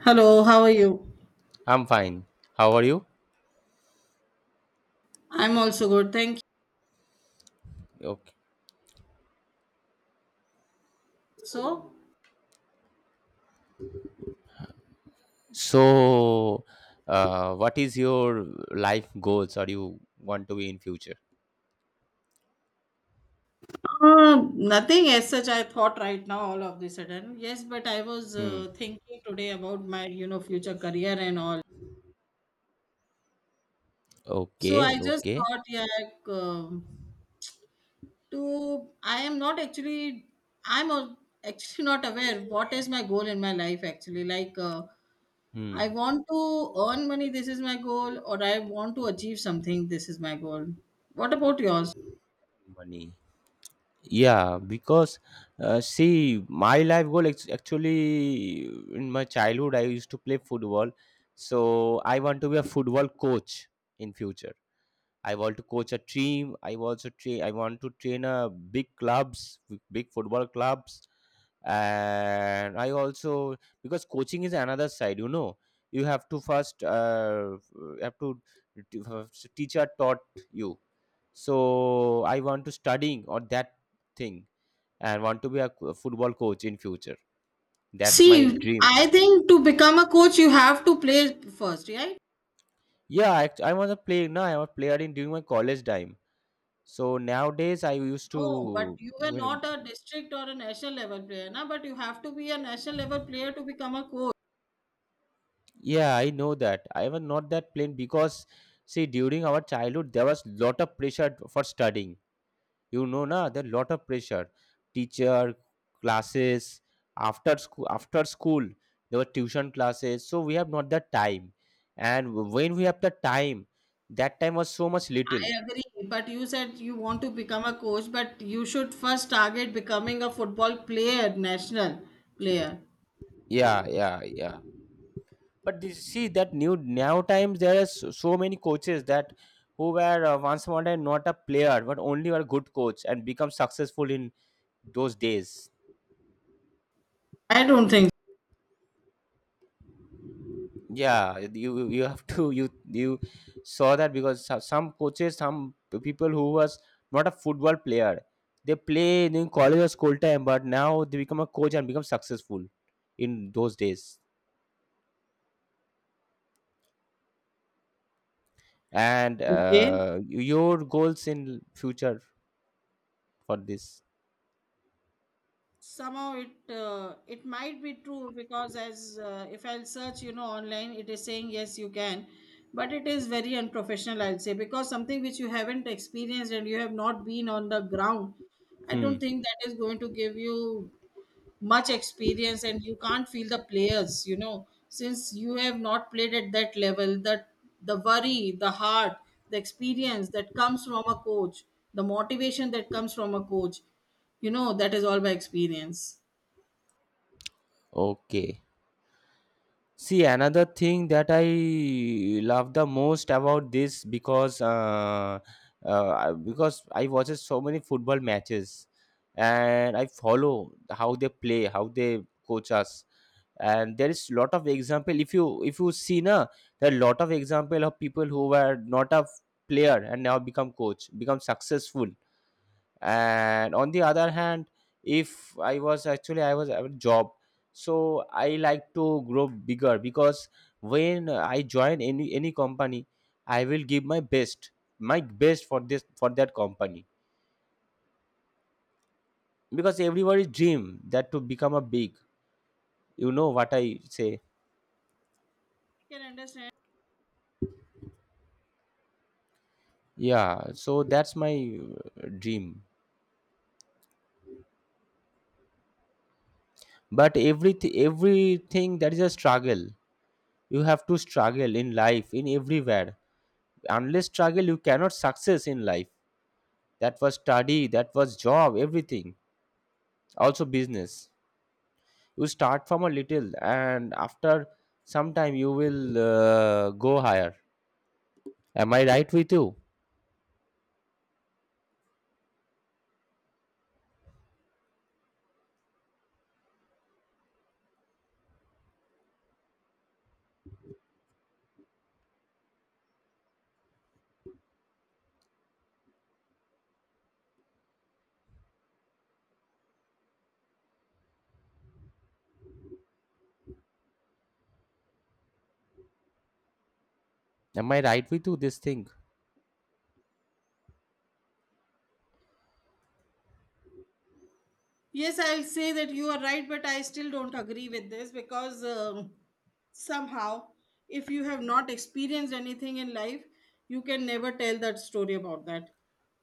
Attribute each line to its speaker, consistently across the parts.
Speaker 1: Hello, how are you?
Speaker 2: I'm fine. How are you?
Speaker 1: I'm also good, thank you.
Speaker 2: Okay.
Speaker 1: So,
Speaker 2: So, what is your life goals or you want to be in future?
Speaker 1: Nothing as such I thought right now all of the sudden. Yes, but I was
Speaker 2: Hmm.
Speaker 1: thinking today about my, future career and all. So
Speaker 2: Okay.
Speaker 1: I just
Speaker 2: Okay.
Speaker 1: thought, yeah, to I am not I'm actually not aware what is my goal in my life actually.
Speaker 2: Hmm.
Speaker 1: I want to earn money, this is my goal, or I want to achieve something, this is my goal. What about yours?
Speaker 2: Money. Yeah, because see, my life goal actually in my childhood I used to play football, so I want to be a football coach in future. I want to coach a team. I also train. I want to train a big clubs, big football clubs, and I also because coaching is another side. You know, you have to first have to teacher taught you. So I want to studying on that thing and want to be a football coach in future. That's my
Speaker 1: See,
Speaker 2: dream.
Speaker 1: I think to become a coach, you have to play first, right?
Speaker 2: Yeah, I was a player. No, I was a player in during my college time. So nowadays, I used
Speaker 1: No, but
Speaker 2: to
Speaker 1: you were
Speaker 2: you know.
Speaker 1: not a district or a national level player, na? But you have to be a national level player to become a coach.
Speaker 2: Yeah, I know that. I was not that plain because see during our childhood there was lot of pressure for studying. You know na there lot of pressure. Teacher, classes, after school there were tuition classes. So we have not that time. And when we have the time, that time was so much little.
Speaker 1: I agree, but you said you want to become a coach, but you should first target becoming a football player, national player.
Speaker 2: Yeah, yeah, yeah. But this, see that new now times there are so many coaches that who were once upon a time not a player but only were good coach and become successful in those days.
Speaker 1: I don't think
Speaker 2: Yeah, you have to you saw that because some coaches some people who was not a football player they play in college or school time but now they become a coach and become successful in those days. And
Speaker 1: so. Okay.
Speaker 2: your goals in future for this?
Speaker 1: Somehow it might be true because as if I'll search, you know, online, it is saying yes you can, but it is very unprofessional, I'll say, because something which you haven't experienced and you have not been on the ground, I don't
Speaker 2: Hmm.
Speaker 1: think that is going to give you much experience, and you can't feel the players, you know, since you have not played at that level, that the worry, the heart, the experience that comes from a coach, the motivation that comes from a coach, you know, that is all by experience.
Speaker 2: Okay. See, another thing that I love the most about this because I watches so many football matches and I follow how they play, how they coach us, and there is lot of example. If you see na, there are lot of example of people who were not a player and now become coach, become successful. And on the other hand, if I was actually I was at a job so I like to grow bigger because when I join any company I will give my best, for this for that company because everybody dream that to become a big. You know what I say?
Speaker 1: I can understand.
Speaker 2: Yeah, so that's my dream. But everything that is a struggle. You have to struggle in life in everywhere. Unless struggle you cannot success in life. That was study, that was job, everything, also business. You start from a little and after some time you will go higher. Am I right with you? Am I right with you this thing?
Speaker 1: Yes, I'll say that you are right, but I still don't agree with this because somehow, if you have not experienced anything in life, you can never tell that story about that.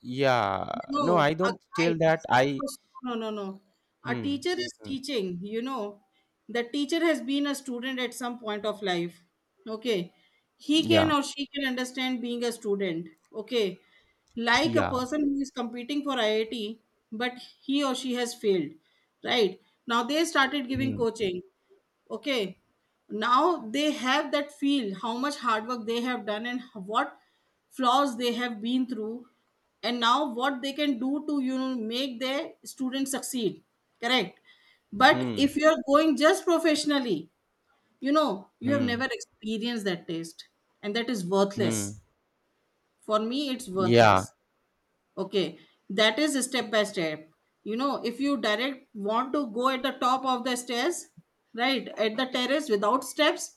Speaker 2: Yeah. No,
Speaker 1: No,
Speaker 2: I
Speaker 1: a
Speaker 2: don't
Speaker 1: guide.
Speaker 2: tell that i.
Speaker 1: Suppose, no, no, no. A
Speaker 2: Hmm.
Speaker 1: teacher is
Speaker 2: Hmm.
Speaker 1: teaching, you know. The teacher has been a student at some point of life. Okay. He can
Speaker 2: Yeah,
Speaker 1: or she can understand being a student. Okay. Like a
Speaker 2: yeah.
Speaker 1: person who is competing for IIT, but he or she has failed. Right. Now they started giving
Speaker 2: Hmm.
Speaker 1: coaching. Okay. Now they have that feel, how much hard work they have done and what flaws they have been through, and now what they can do to, you know, make their students succeed. Correct. But
Speaker 2: Hmm.
Speaker 1: if you're going just professionally, you know, you have
Speaker 2: Hmm.
Speaker 1: never experienced that taste, and that is
Speaker 2: Hmm.
Speaker 1: worthless. For me, it's
Speaker 2: Yeah.
Speaker 1: worthless. Okay, that is step by step. You know, if you direct want to go at the top of the stairs, right, at the terrace without steps,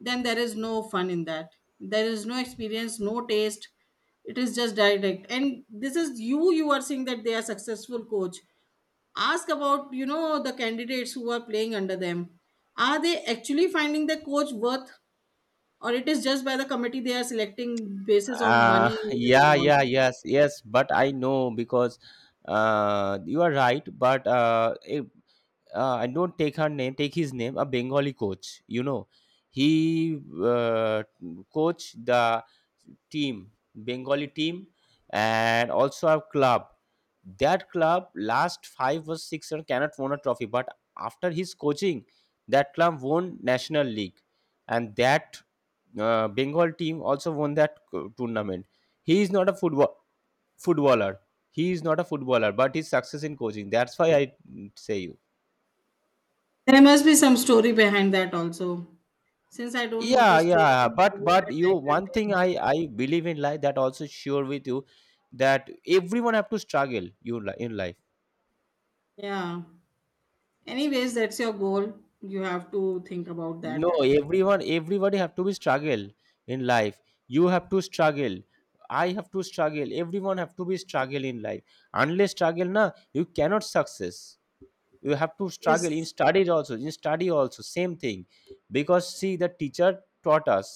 Speaker 1: then there is no fun in that. There is no experience, no taste. It is just direct. And this is you, you are saying that they are successful coach. Ask about, you know, the candidates who are playing under them. Are they actually finding the coach worth, or it is just by the committee they are selecting basis on money and
Speaker 2: Yeah.
Speaker 1: all?
Speaker 2: Yeah. Yes. Yes. But I know because you are right. But I don't take her name, take his name, a Bengali coach. You know, he coach the team, Bengali team, and also our club. That club last 5 or 6 years cannot won a trophy, but after his coaching, that club won national league, and that Bengal team also won that tournament. He is not a footballer. He is not a footballer, but he's success in coaching. That's why I say you.
Speaker 1: There must be some story behind that also. Since I don't know the
Speaker 2: Yeah,
Speaker 1: story, I
Speaker 2: yeah, but
Speaker 1: hope
Speaker 2: but
Speaker 1: that I
Speaker 2: you
Speaker 1: can
Speaker 2: one thing
Speaker 1: tell.
Speaker 2: i believe in life that also sure with you, that everyone have to struggle you in life.
Speaker 1: Yeah. Anyways, that's your goal. You have to think about
Speaker 2: No,
Speaker 1: that.
Speaker 2: everyone everybody have to be struggle in life. You have to struggle. I have to struggle. Everyone have to be struggle in life. Unless struggle na you cannot success. You have to struggle in
Speaker 1: Yes.
Speaker 2: studies also, in study also same thing. Because see the teacher taught us,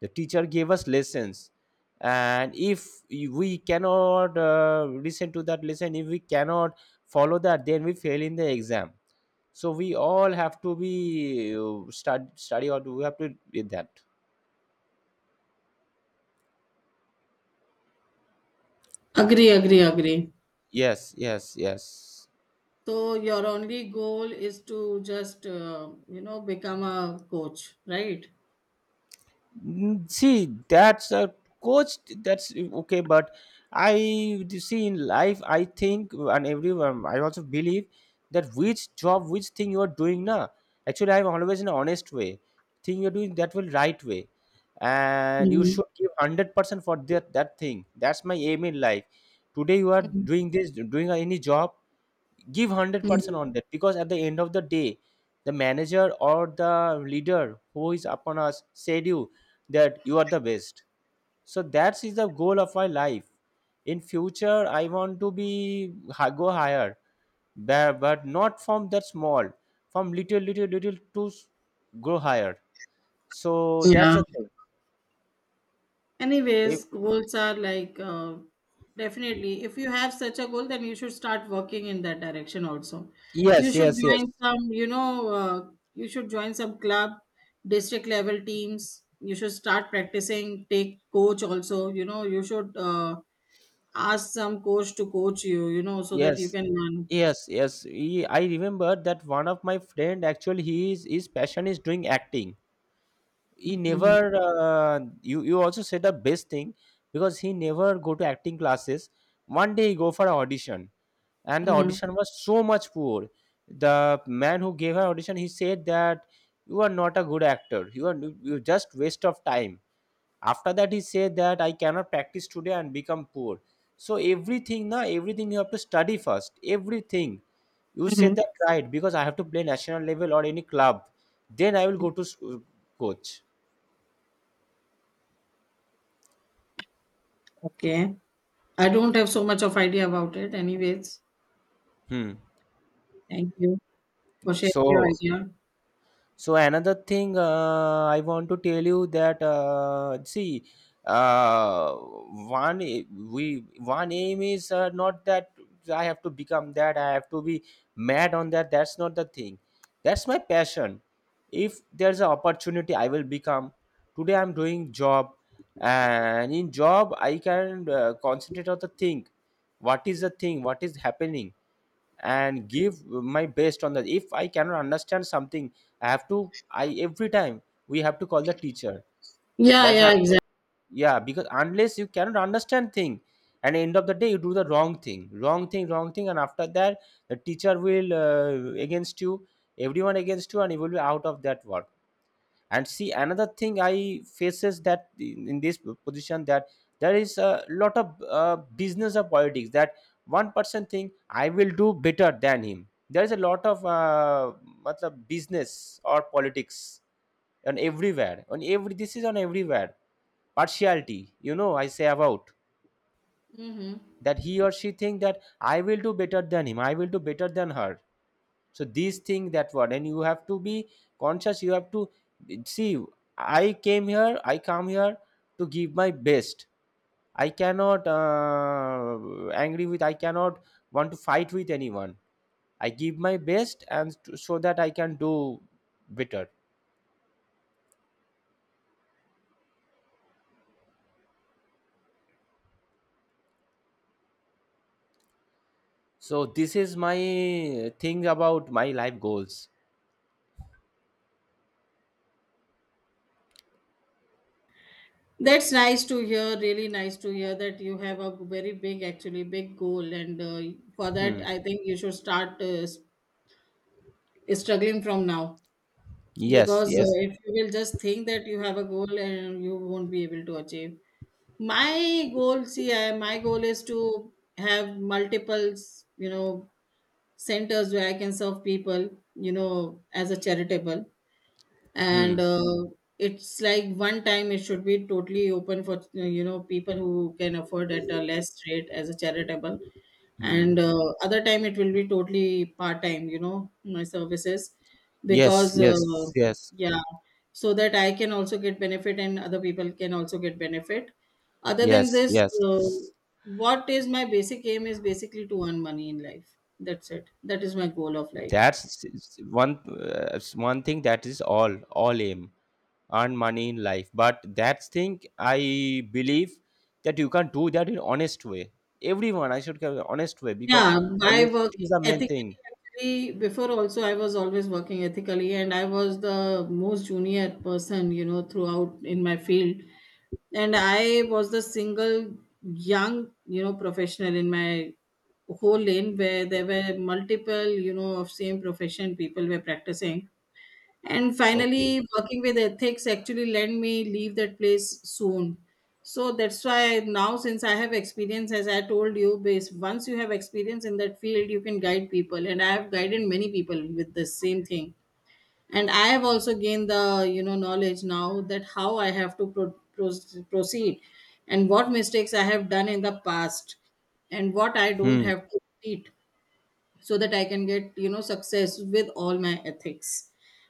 Speaker 2: the teacher gave us lessons, and if we cannot listen to that lesson, if we cannot follow that then we fail in the exam. So we all have to be study or do we have to do that.
Speaker 1: Agree, agree, agree.
Speaker 2: Yes, yes, yes.
Speaker 1: So your only goal is to just, you know, become a coach, right?
Speaker 2: Mm, see, that's a coach. That's okay, but I see in life. I think, and everyone, I also believe that which job, which thing you are doing now. Actually, I'm always in an honest way. Thing you're doing that will right way, and you
Speaker 1: Mhm.
Speaker 2: should give 100% for that thing. That's my aim in life. Today you are
Speaker 1: Mhm.
Speaker 2: doing this, doing any job, give 100%
Speaker 1: Mhm.
Speaker 2: on that because at the end of the day the manager or the leader who is upon us said you that you are the best. So that is the goal of my life. In future I want to be go higher, but not from that small, from little to grow higher. So that's
Speaker 1: Yeah.
Speaker 2: the thing. If-
Speaker 1: Anyways, goals are definitely if you have such a goal, then you should start working in that direction also. You
Speaker 2: yes,
Speaker 1: should
Speaker 2: yes, yes.
Speaker 1: join some, you know, you should join some club, district level teams. You should start practicing, take coach also, you know, you should ask some coach to coach you, you know, so that
Speaker 2: Yes,
Speaker 1: you can learn.
Speaker 2: yes, yes. I remember that one of my friend actually he is his passion is doing acting. He
Speaker 1: Mhm.
Speaker 2: never you also said the best thing, because he never go to acting classes. One day he go for an audition, and the
Speaker 1: Mhm.
Speaker 2: audition was so much poor. The man who gave her audition he said that you are not a good actor, you are, you just waste of time. After that he said that I cannot practice today and become poor. So everything na everything you have to study first everything. You
Speaker 1: Mhm.
Speaker 2: said that right, because I have to play national level or any club, then I will go to coach.
Speaker 1: Okay. I don't have so much of idea about it. Anyways,
Speaker 2: Hmm.
Speaker 1: thank you for sharing your
Speaker 2: So,
Speaker 1: idea.
Speaker 2: so another thing I want to tell you that see, one we one aim is not that I have to become, that I have to be mad on that. That's not the thing. That's my passion. If there's an opportunity, I will become. Today I'm doing job, and in job I can concentrate on the thing. What is the thing? What is happening? And give my best on that. If I cannot understand something I have to I every time we have to call the teacher.
Speaker 1: Yeah,
Speaker 2: That's
Speaker 1: yeah,
Speaker 2: how.
Speaker 1: exactly.
Speaker 2: Yeah, because unless you cannot understand thing and end of the day you do the wrong thing, and after that the teacher will against you, everyone against you, and you will be out of that work. And see another thing I faces that in this position that there is a lot of business of politics, that one person think I will do better than him. There is a lot of matlab business or politics, on everywhere on every, this is on everywhere, partiality. You know I say about,
Speaker 1: Mm-hmm.
Speaker 2: that he or she think that I will do better than him, I will do better than her. So these things that what, and you have to be conscious. You have to see, I come here to give my best. I cannot angry with I cannot want to fight with anyone. I give my best and to, so that I can do better. So this is my thing about my life goals.
Speaker 1: That's nice to hear. Really nice to hear that you have a very big, actually big goal, and for that,
Speaker 2: Hmm.
Speaker 1: I think you should start struggling from now,
Speaker 2: Yes,
Speaker 1: because
Speaker 2: yes.
Speaker 1: if you will just think that you have a goal and you won't be able to achieve. My goal, see, my goal is to have multiple, you know, centers where I can serve people, you know, as a charitable, and
Speaker 2: Hmm.
Speaker 1: uh, it's like one time it should be totally open for, you know, people who can afford at a less rate as a charitable, and
Speaker 2: Hmm.
Speaker 1: uh, other time it will be totally part time, you know, my services,
Speaker 2: Yes,
Speaker 1: because
Speaker 2: yes, yes.
Speaker 1: yeah, so that I can also get benefit and other people can also get benefit. other than
Speaker 2: Yes,
Speaker 1: this
Speaker 2: yes.
Speaker 1: uh, what is my basic aim is basically to earn money in life, that's it, that is my goal of life.
Speaker 2: That's one one thing, that is all aim, earn money in life. But that's thing I believe that you can do that in honest way. Everyone I should have honest way because
Speaker 1: Yeah, by
Speaker 2: honesty is
Speaker 1: working
Speaker 2: the main
Speaker 1: ethically,
Speaker 2: thing.
Speaker 1: actually, before also I was always working ethically, and I was the most junior person, you know, throughout in my field. And I was the single young, you know, professional in my whole lane where there were multiple, you know, of same profession people were practicing. And
Speaker 2: Okay.
Speaker 1: finally, working with ethics actually let me leave that place soon. So that's why now, since I have experience, as I told you, base once you have experience in that field, you can guide people, and I have guided many people with the same thing. And I have also gained the, you know, knowledge now that how I have to proceed, and what mistakes I have done in the past, and what I don't
Speaker 2: Hmm.
Speaker 1: have to repeat, so that I can get, you know, success with all my ethics.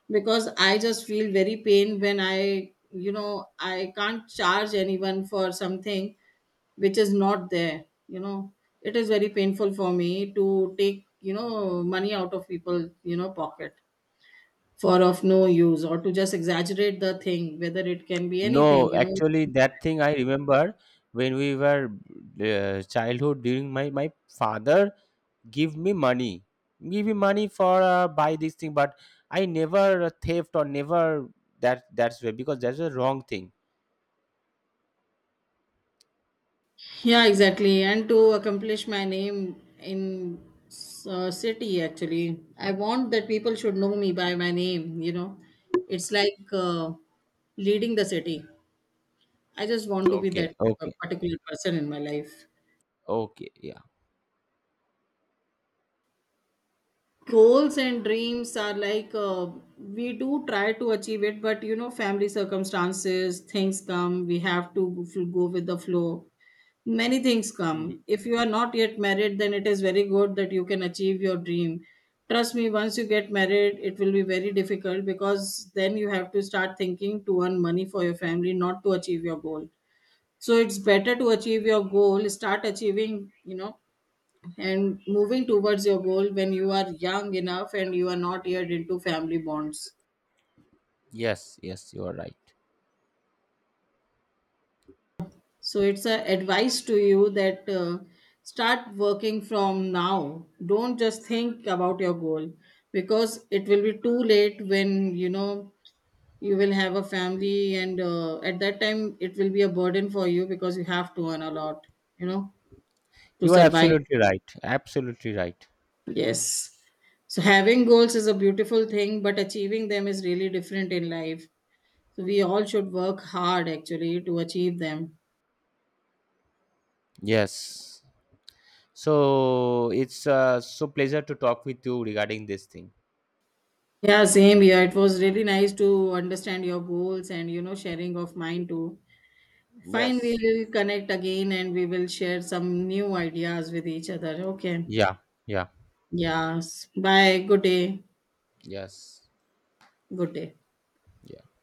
Speaker 1: Because I just feel very pain when I, you know, I can't charge anyone for something which is not there. You know, it is very painful for me to take, you know, money out of people, you know, pocket for of no use or to just exaggerate the thing, whether it can be anything,
Speaker 2: No,
Speaker 1: you know.
Speaker 2: actually, that thing I remember when we were childhood during my father give me money give me money for buy this thing, but I never theft or never that, that's way, because that's a wrong thing.
Speaker 1: Yeah, exactly. And to accomplish my name in city, actually, I want that people should know me by my name. You know, it's like leading the city. I just want to be
Speaker 2: Okay,
Speaker 1: that
Speaker 2: okay.
Speaker 1: particular person in my life.
Speaker 2: Okay. Yeah.
Speaker 1: Goals and dreams are like we do try to achieve it, but you know, family circumstances, things come. We have to go with the flow. Many things
Speaker 2: Hmm.
Speaker 1: come. If you are not yet married, then it is very good that you can achieve your dream. Trust me, once you get married it will be very difficult, because then you have to start thinking to earn money for your family, not to achieve your goal. So it's better to achieve your goal, start achieving, you know, and moving towards your goal when you are young enough and you are not yet into family bonds.
Speaker 2: Yes, yes, you are right.
Speaker 1: So it's a advice to you that start working from now. Don't just think about your goal, because it will be too late when, you know, you will have a family, and at that time it will be a burden for you because you have to earn a lot, you know, to
Speaker 2: You are
Speaker 1: survive.
Speaker 2: absolutely right, absolutely right.
Speaker 1: Yes. So having goals is a beautiful thing, but achieving them is really different in life. So we all should work hard actually to achieve them.
Speaker 2: Yes. So it's so pleasure to talk with you regarding this thing.
Speaker 1: Yeah, same here. It was really nice to understand your goals and you know sharing of mine too. Fine,
Speaker 2: Yes.
Speaker 1: we'll connect again and we will share some new ideas with each other. Okay.
Speaker 2: Yeah. Yeah.
Speaker 1: Yes. Bye. Good day.
Speaker 2: Yes,
Speaker 1: Good day.
Speaker 2: yes.